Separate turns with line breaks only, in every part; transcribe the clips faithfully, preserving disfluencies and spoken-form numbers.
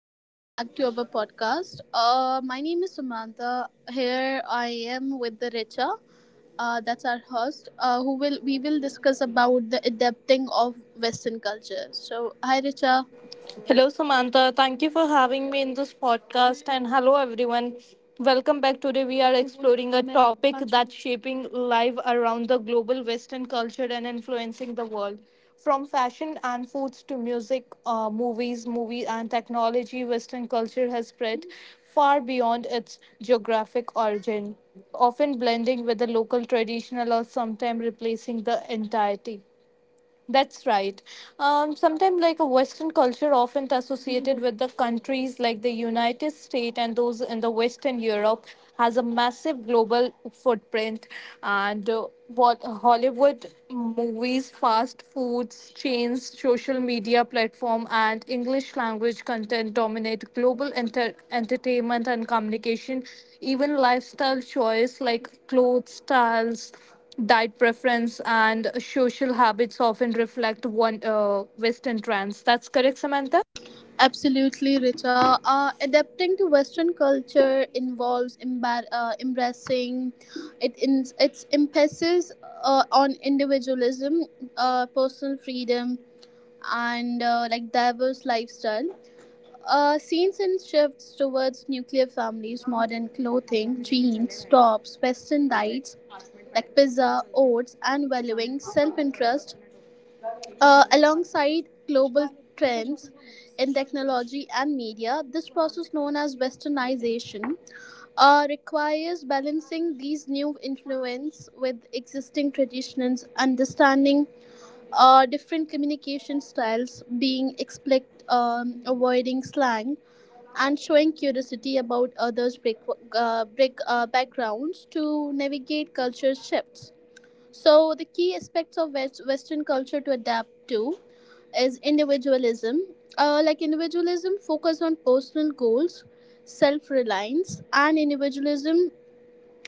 Welcome back to our podcast. Uh, my name is Samantha. Here I am with the Richa. Uh, that's our host. Uh, who will we will discuss about the adapting of Western culture. So, hi, Richa.
Hello, Samantha. Thank you for having me in this podcast. And hello, everyone. Welcome back. Today, we are exploring a topic that's shaping life around the global Western culture and influencing the world. From fashion and foods to music, uh, movies, movie, and technology, Western culture has spread far beyond its geographic origin, often blending with the local traditional or sometimes replacing the entirety. That's right. Um, sometimes, like a Western culture, often associated with the countries like the United States and those in the Western Europe, has a massive global footprint. And uh, what Hollywood movies, fast foods chains, social media platform, and English language content dominate global enter- entertainment and communication. Even lifestyle choice like clothes styles, diet preference, and social habits often reflect one uh, Western trends. That's correct, Samantha.
Absolutely, Richa. Uh, adapting to Western culture involves embar- uh, embracing it in its emphasis uh, on individualism, uh, personal freedom, and uh, like diverse lifestyle Uh, scenes and shifts towards nuclear families, modern clothing, jeans, tops, western diets like pizza, oats, and valuing self interest uh, alongside global trends in technology and media. This process, known as westernization, uh, requires balancing these new influence with existing traditions, understanding uh, different communication styles, being explicit, um, avoiding slang and showing curiosity about others' break, uh, break, uh, backgrounds to navigate culture shifts. So, the key aspects of West, Western culture to adapt to is individualism. Uh, like individualism, focus on personal goals, self reliance, and individualism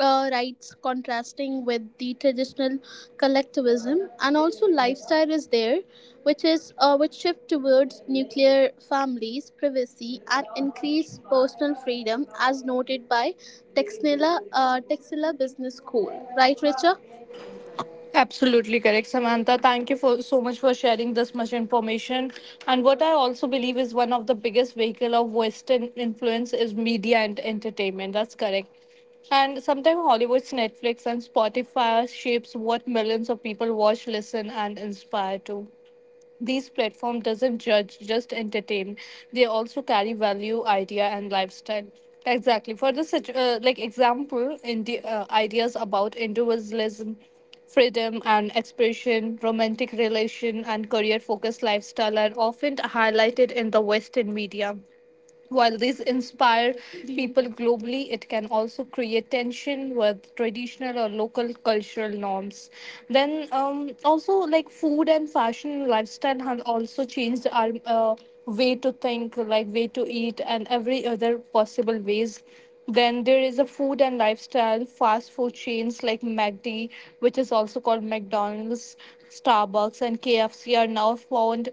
uh, rights contrasting with the traditional collectivism. And also lifestyle is there which is uh, which shift towards nuclear families privacy and increased personal freedom as noted by texnila uh, texila business school, right Richa?
Absolutely correct, Samantha. Thank you for so much for sharing this much information. And what I also believe is one of the biggest vehicle of Western influence is media and entertainment. That's correct. And sometimes Hollywood's, Netflix, and Spotify shapes what millions of people watch, listen, and inspire to. These platform doesn't judge just entertain, they also carry value idea and lifestyle, exactly for the such uh, like example in the uh, ideas about individualism, freedom and expression, romantic relation, and career focused lifestyle are often highlighted in the western media. While these inspire people globally, it can also create tension with traditional or local cultural norms. Then, um, also like food and fashion and lifestyle have also changed our uh, way to think, like way to eat, and every other possible ways. Then there is a food and lifestyle fast food chains like M A C D, which is also called McDonald's, Starbucks, and K F C are now found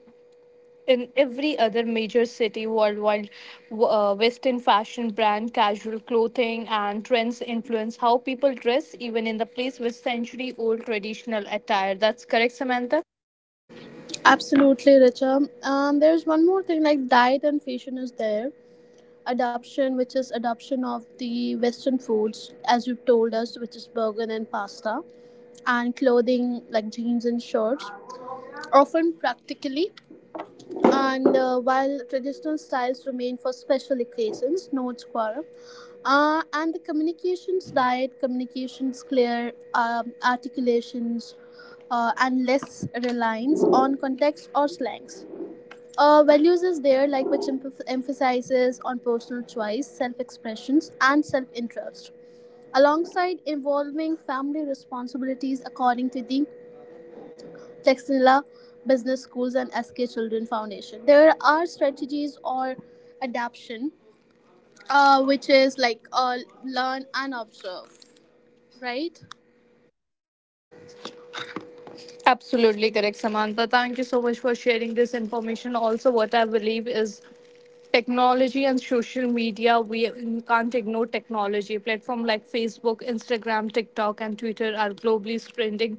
in every other major city worldwide. w- uh, Western fashion brand, casual clothing, and trends influence how people dress, even in the place with century old traditional attire. That's correct, Samantha?
Absolutely, Richa. Um, there's one more thing like diet and fashion is there adoption, which is adoption of the western foods as you've told us, which is burger and pasta and clothing like jeans and shorts, often practically. And uh, while traditional styles remain for special occasions, notes Quora, uh, and the communications diet, communications clear, um, articulations, uh, and less reliance on context or slangs. Uh, values is there, like which emph- emphasizes on personal choice, self expressions, and self interest, alongside involving family responsibilities according to the Textilla Business Schools and S K Children Foundation. There are strategies or adaption, uh, which is like uh, learn and observe, right?
Absolutely correct, Samantha. Thank you so much for sharing this information. Also, what I believe is technology and social media, we can't ignore technology platform like Facebook, Instagram, TikTok, and Twitter are globally spreading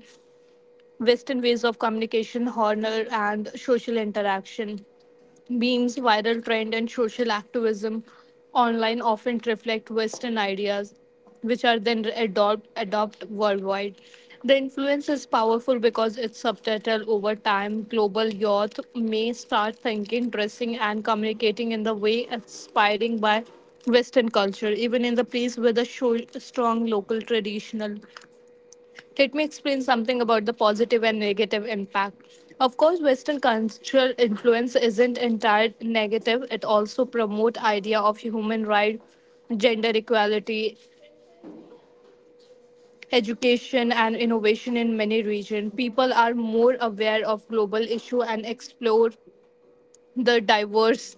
Western ways of communication, honor, and social interaction. Beam's viral trend and social activism online often reflect Western ideas, which are then adopt, adopt worldwide. The influence is powerful because it's subtitled over time. Global youth may start thinking, dressing, and communicating in the way inspiring by Western culture, even in the place with a sho- strong local traditional. Let me explain something about the positive and negative impact. Of course, Western cultural influence isn't entirely negative. It also promotes idea of human rights, gender equality, education, and innovation in many regions. People are more aware of global issue and explore the diverse.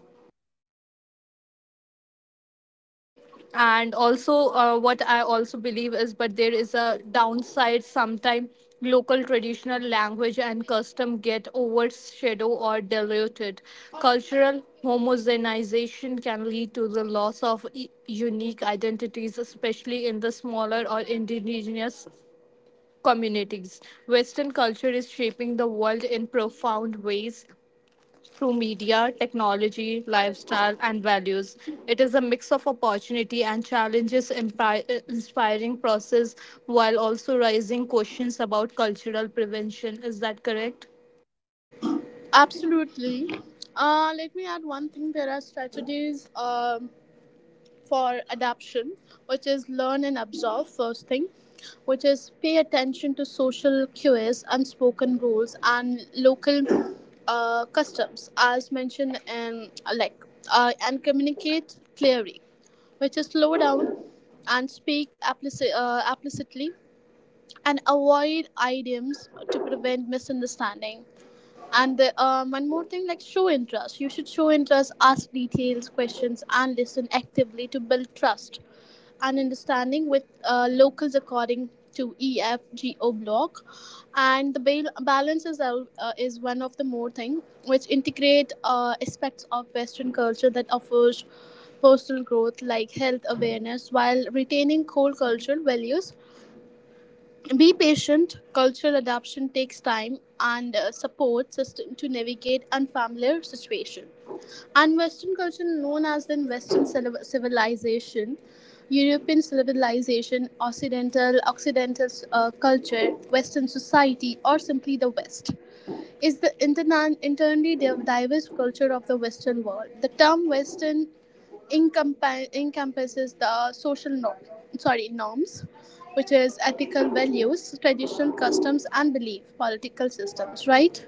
And also uh, what I also believe is, but there is a downside. Sometimes, local traditional language and custom get overshadowed or diluted. Cultural homogenization can lead to the loss of e- unique identities, especially in the smaller or indigenous communities. Western culture is shaping the world in profound ways through media, technology, lifestyle, and values. It is a mix of opportunity and challenges, impi- uh, inspiring process while also raising questions about cultural prevention. Is that correct?
Absolutely. Uh, let me add one thing. There are strategies. Um, for adaption, which is learn and absorb, first thing, which is pay attention to social cues, unspoken rules, and local uh, customs, as mentioned, and uh, like uh, and communicate clearly, which is slow down and speak applici- uh, applicitly and avoid idioms to prevent misunderstanding. And the, um, one more thing, like show interest. You should show interest, ask details, questions, and listen actively to build trust and understanding with uh, locals according to E F G O block. And the bal- balance is, al- uh, is one of the more thing, which integrate uh, aspects of Western culture that offers personal growth like health awareness while retaining core cultural values. Be patient. Cultural adaptation takes time and uh, support system to navigate unfamiliar situation. And Western culture, known as the Western civil- civilization, European civilization, Occidental Occidental uh, culture, Western society, or simply the West, is the interna- internally div- diverse culture of the Western world. The term Western encompa- encompasses the social norm, sorry norms, which is ethical values, traditional customs and belief, political systems, right?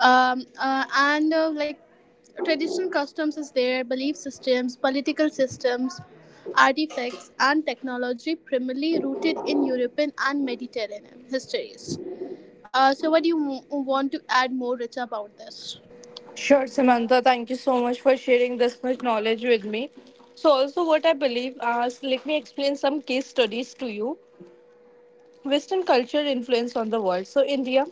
um, uh, and uh, like Traditional customs is there, belief systems, political systems, artifacts and technology primarily rooted in European and Mediterranean histories. Uh, so what do you w- want to add more, Rich, about this?
Sure, Samantha. Thank you so much for sharing this much knowledge with me. So, also, what I believe, uh, let me explain some case studies to you. Western culture influence on the world. So, India.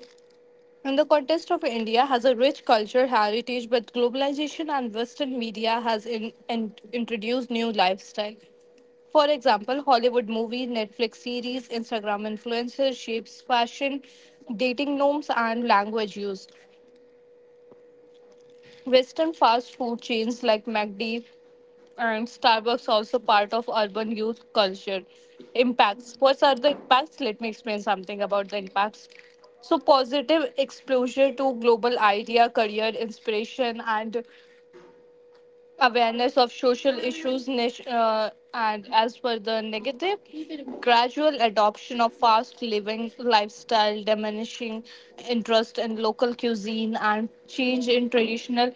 And the context of India has a rich culture heritage, but globalization and Western media has in, in- introduced new lifestyle. For example, Hollywood movies, Netflix series, Instagram influencers shapes fashion, dating norms, and language use. Western fast food chains like McD and Starbucks also part of urban youth culture. Impacts. What are the impacts? Let me explain something about the impacts. So positive exposure to global idea, career inspiration, and awareness of social issues. Nat- Uh, and as for the negative, gradual adoption of fast living lifestyle, diminishing interest in local cuisine, and change in traditional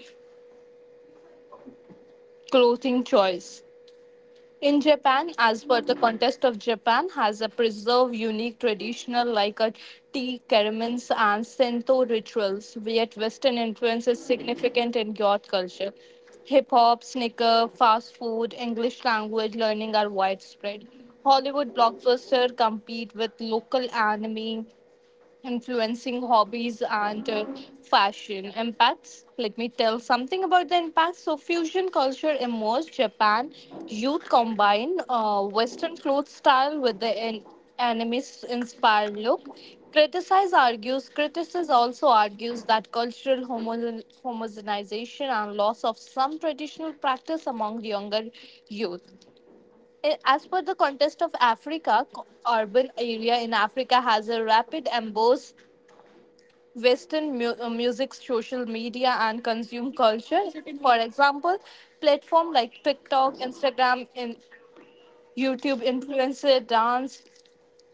clothing choice. In Japan, as per the contest of Japan, has a preserve unique traditional like a tea ceremonies and Sento rituals, yet Western influence is significant in youth culture. Hip hop, sneaker, fast food, English language learning are widespread. Hollywood blockbuster compete with local anime influencing hobbies and uh, fashion impacts. Let me tell something about the impacts. So fusion culture emerged, Japan youth combine uh, western clothes style with the an- anime inspired look. Criticize argues, criticism also argues that cultural homo- homogenization and loss of some traditional practice among younger youth. I- as per the context of Africa, co- urban area in Africa has a rapid embrace Western mu- uh, music, social media, and consume culture. For example, platform like TikTok, Instagram, and YouTube influencer dance,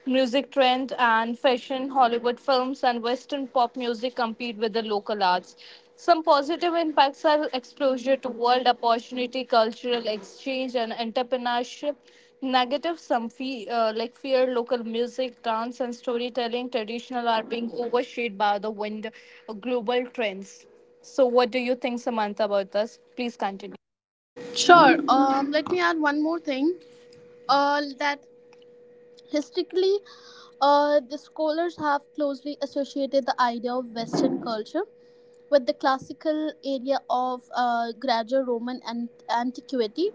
music trend, and fashion, Hollywood films and Western pop music compete with the local arts. Some positive impacts are exposure to world opportunity, cultural exchange, and entrepreneurship. Negative, some fe- uh, like fear, local music, dance, and storytelling, traditional are being overshadowed by the wind, uh, global trends. So, what do you think, Samantha, about this? Please continue.
Sure. Um, let me add one more thing. Uh, that historically, uh, the scholars have closely associated the idea of Western culture with the classical area of uh, gradual Roman and antiquity.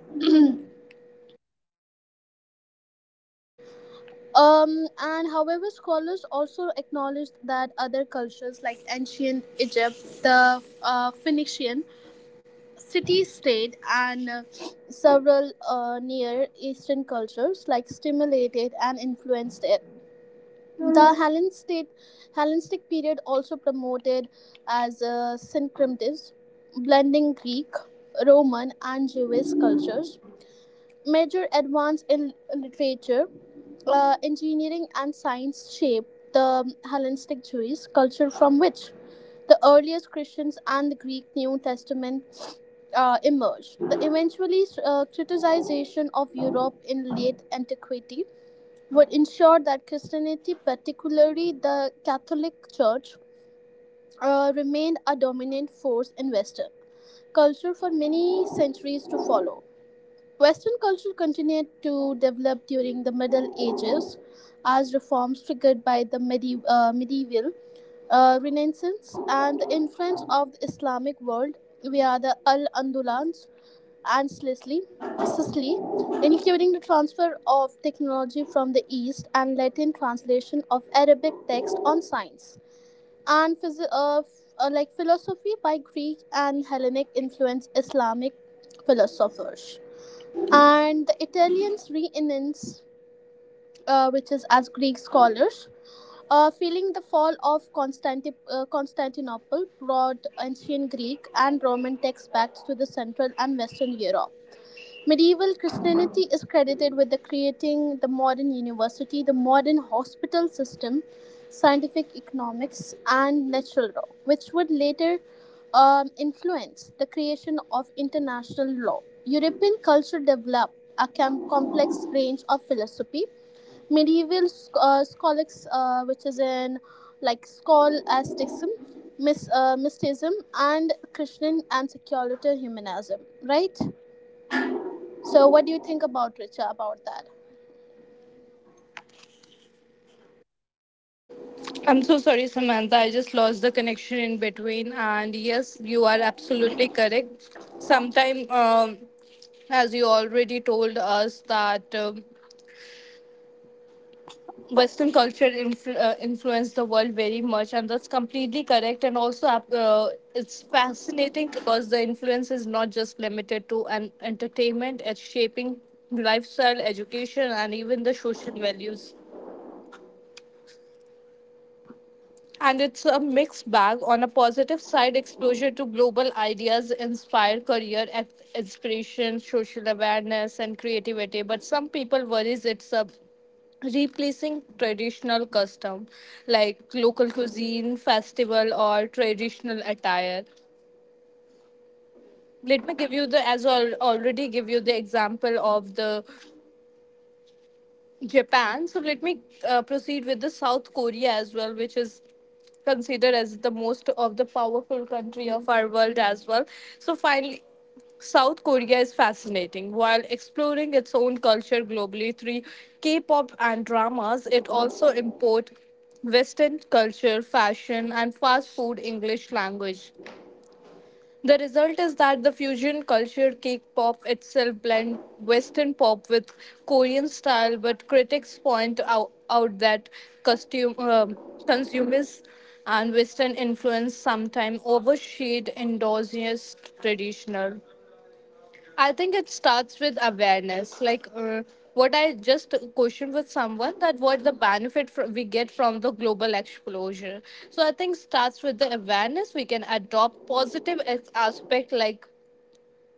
Um, and however, scholars also acknowledged that other cultures like ancient Egypt, the uh, Phoenician city-state, and uh, several uh, Near Eastern cultures like stimulated and influenced it. The Hellenistic, Hellenistic period also promoted as a syncretism, blending Greek, Roman, and Jewish cultures. Major advance in literature, uh, engineering, and science shaped the Hellenistic Jewish culture from which the earliest Christians and the Greek New Testament uh, emerged. The eventually uh, criticization of Europe in late antiquity would ensure that Christianity, particularly the Catholic Church, uh, remained a dominant force in Western culture for many centuries to follow. Western culture continued to develop during the Middle Ages as reforms triggered by the medi- uh, medieval uh, Renaissance and the influence of the Islamic world via the Al Andalus and Sicily, Sicily, including the transfer of technology from the East and Latin translation of Arabic text on science and phys- uh, f- uh, like philosophy by Greek and Hellenic influenced Islamic philosophers, and the Italians renaissance, uh, which is as Greek scholars. Uh, feeling the fall of Constanti- uh, Constantinople brought ancient Greek and Roman texts back to the Central and Western Europe. Medieval Christianity is credited with the creating the modern university, the modern hospital system, scientific economics, and natural law, which would later um, influence the creation of international law. European culture developed a com- complex range of philosophy. Medieval uh, scholastics, uh, which is in like scholasticism, mys- uh, mysticism, and Christian and secular humanism, right? So, what do you think about Richa about that?
I'm so sorry, Samantha. I just lost the connection in between. And yes, you are absolutely correct. Sometime, um, as you already told us, that um, Western culture influ- uh, influenced the world very much, and that's completely correct. And also, uh, it's fascinating because the influence is not just limited to an entertainment; it's shaping lifestyle, education, and even the social values. And it's a mixed bag. On a positive side, exposure to global ideas inspire career eth- inspiration, social awareness, and creativity. But some people worries it's a replacing traditional custom like local cuisine, festival, or traditional attire. Let me give you the, as I already give you the example of the Japan. So let me uh, proceed with the South Korea as well, which is considered as the most of the powerful country of our world as well. So finally, South Korea is fascinating. While exploring its own culture globally through K-pop and dramas, it also import Western culture, fashion, and fast food English language. The result is that the fusion culture cake pop itself blend Western pop with Korean style, but critics point out, out that costume, um consumers and Western influence sometimes overshade indigenous traditional. I think it starts with awareness. Like uh, what I just questioned with someone, that what the benefit fr- we get from the global exposure. So I think starts with the awareness. We can adopt positive as- aspect like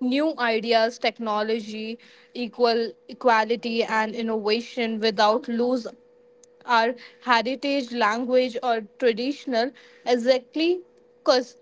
new ideas, technology, equal equality, and innovation without lose our heritage, language, or traditional. Exactly, because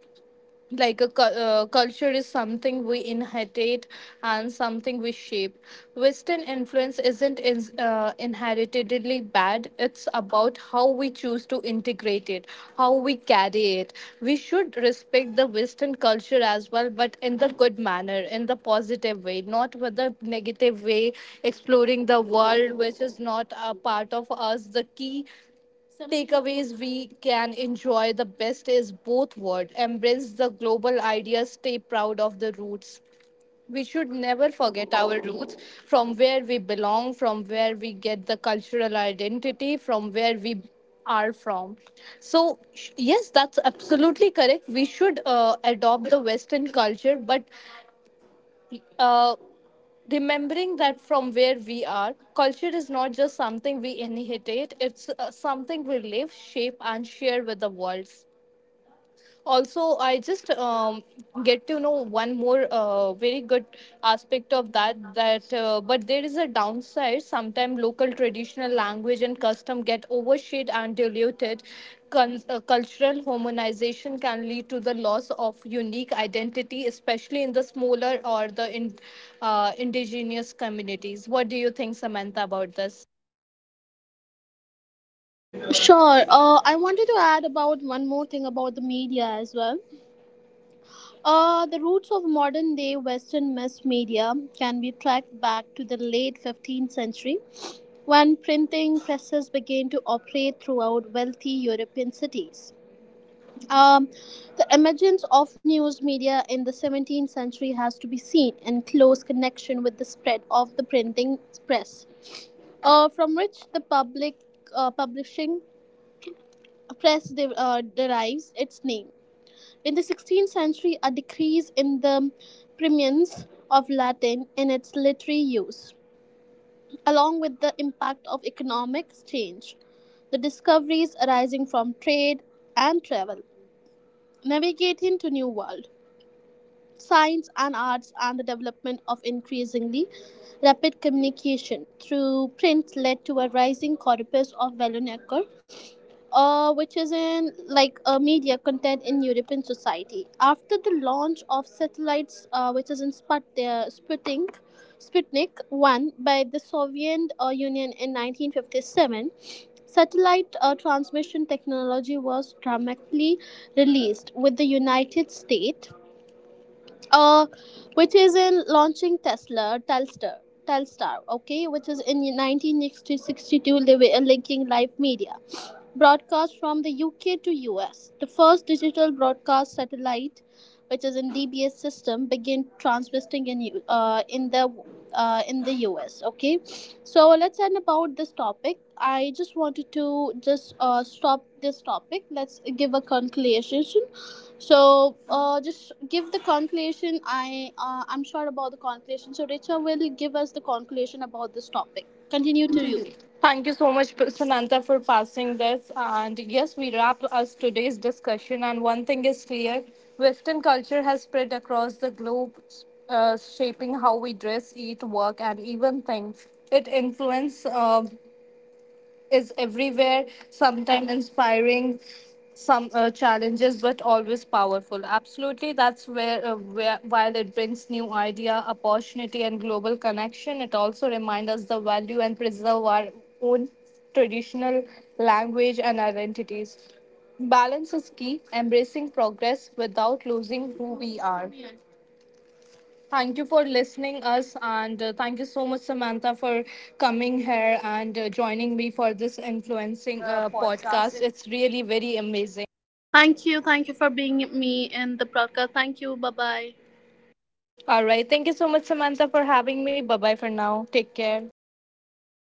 like a cu- uh, culture is something we inherit and something we shape. Western influence isn't in, uh, inheritedly bad, it's about how we choose to integrate it, how we carry it. We should respect the western culture as well, but in the good manner, in the positive way, not with the negative way. Exploring the world which is not a part of us, the key takeaways, we can enjoy the best is both world, embrace the global ideas, stay proud of the roots. We should never forget our roots, from where we belong, from where we get the cultural identity, from where we are from. So sh- yes, that's absolutely correct, we should uh, adopt the western culture, but uh, remembering that from where we are, culture is not just something we inherit, it's uh, something we live, shape, and share with the world. Also, I just um, get to know one more uh, very good aspect of that, that uh, but there is a downside. Sometimes local traditional language and custom get overshadowed and diluted. Con- uh, cultural harmonization can lead to the loss of unique identity, especially in the smaller or the in, uh, indigenous communities. What do you think, Samantha, about this?
Sure. Uh, I wanted to add about one more thing about the media as well. Uh, the roots of modern day Western mass media can be tracked back to the late fifteenth century when printing presses began to operate throughout wealthy European cities. Um, the emergence of news media in the seventeenth century has to be seen in close connection with the spread of the printing press. Uh, from which the public uh, publishing press de- uh, derives its name. In the sixteenth century, a decrease in the preeminence of Latin in its literary use, along with the impact of economic change, the discoveries arising from trade and travel, navigating to new world, science and arts, and the development of increasingly rapid communication through print led to a rising corpus of vernacular uh, which is in like uh, media content in European society. After the launch of satellites, uh, which is in Sput- uh, Sputnik, Sputnik one by the Soviet uh, Union in nineteen fifty-seven, satellite uh, transmission technology was dramatically released with the United States, uh, which is in launching Tesla, Telstar. Telstar, okay, which is in nineteen sixty-two li- linking live media broadcast from the U K to U S. The first digital broadcast satellite, which is in D B S system, began transmitting in U- uh, in the uh, in the U S. Okay, so let's end about this topic. I just wanted to just uh, stop this topic. Let's give a conclusion. So uh, just give the conclusion. I uh, I'm sure about the conclusion. So Richa will give us the conclusion about this topic. Continue to you.
Thank you so much, Samantha, for passing this. And yes, we wrap us today's discussion. And one thing is clear, Western culture has spread across the globe, uh, shaping how we dress, eat, work, and even think. It influences uh, is everywhere, sometimes inspiring, some uh, challenges, but always powerful. Absolutely, that's where, uh, where while it brings new idea, opportunity, and global connection, it also reminds us the value and preserve our own traditional language and identities. Balance is key, embracing progress without losing who we are. Thank you for listening us, and uh, thank you so much, Samantha, for coming here and uh, joining me for this influencing uh, podcast. It's really very amazing.
Thank you. Thank you for being me in the broadcast. Thank you. Bye bye.
All right, thank you so much, Samantha, for having me. Bye bye for now. Take care.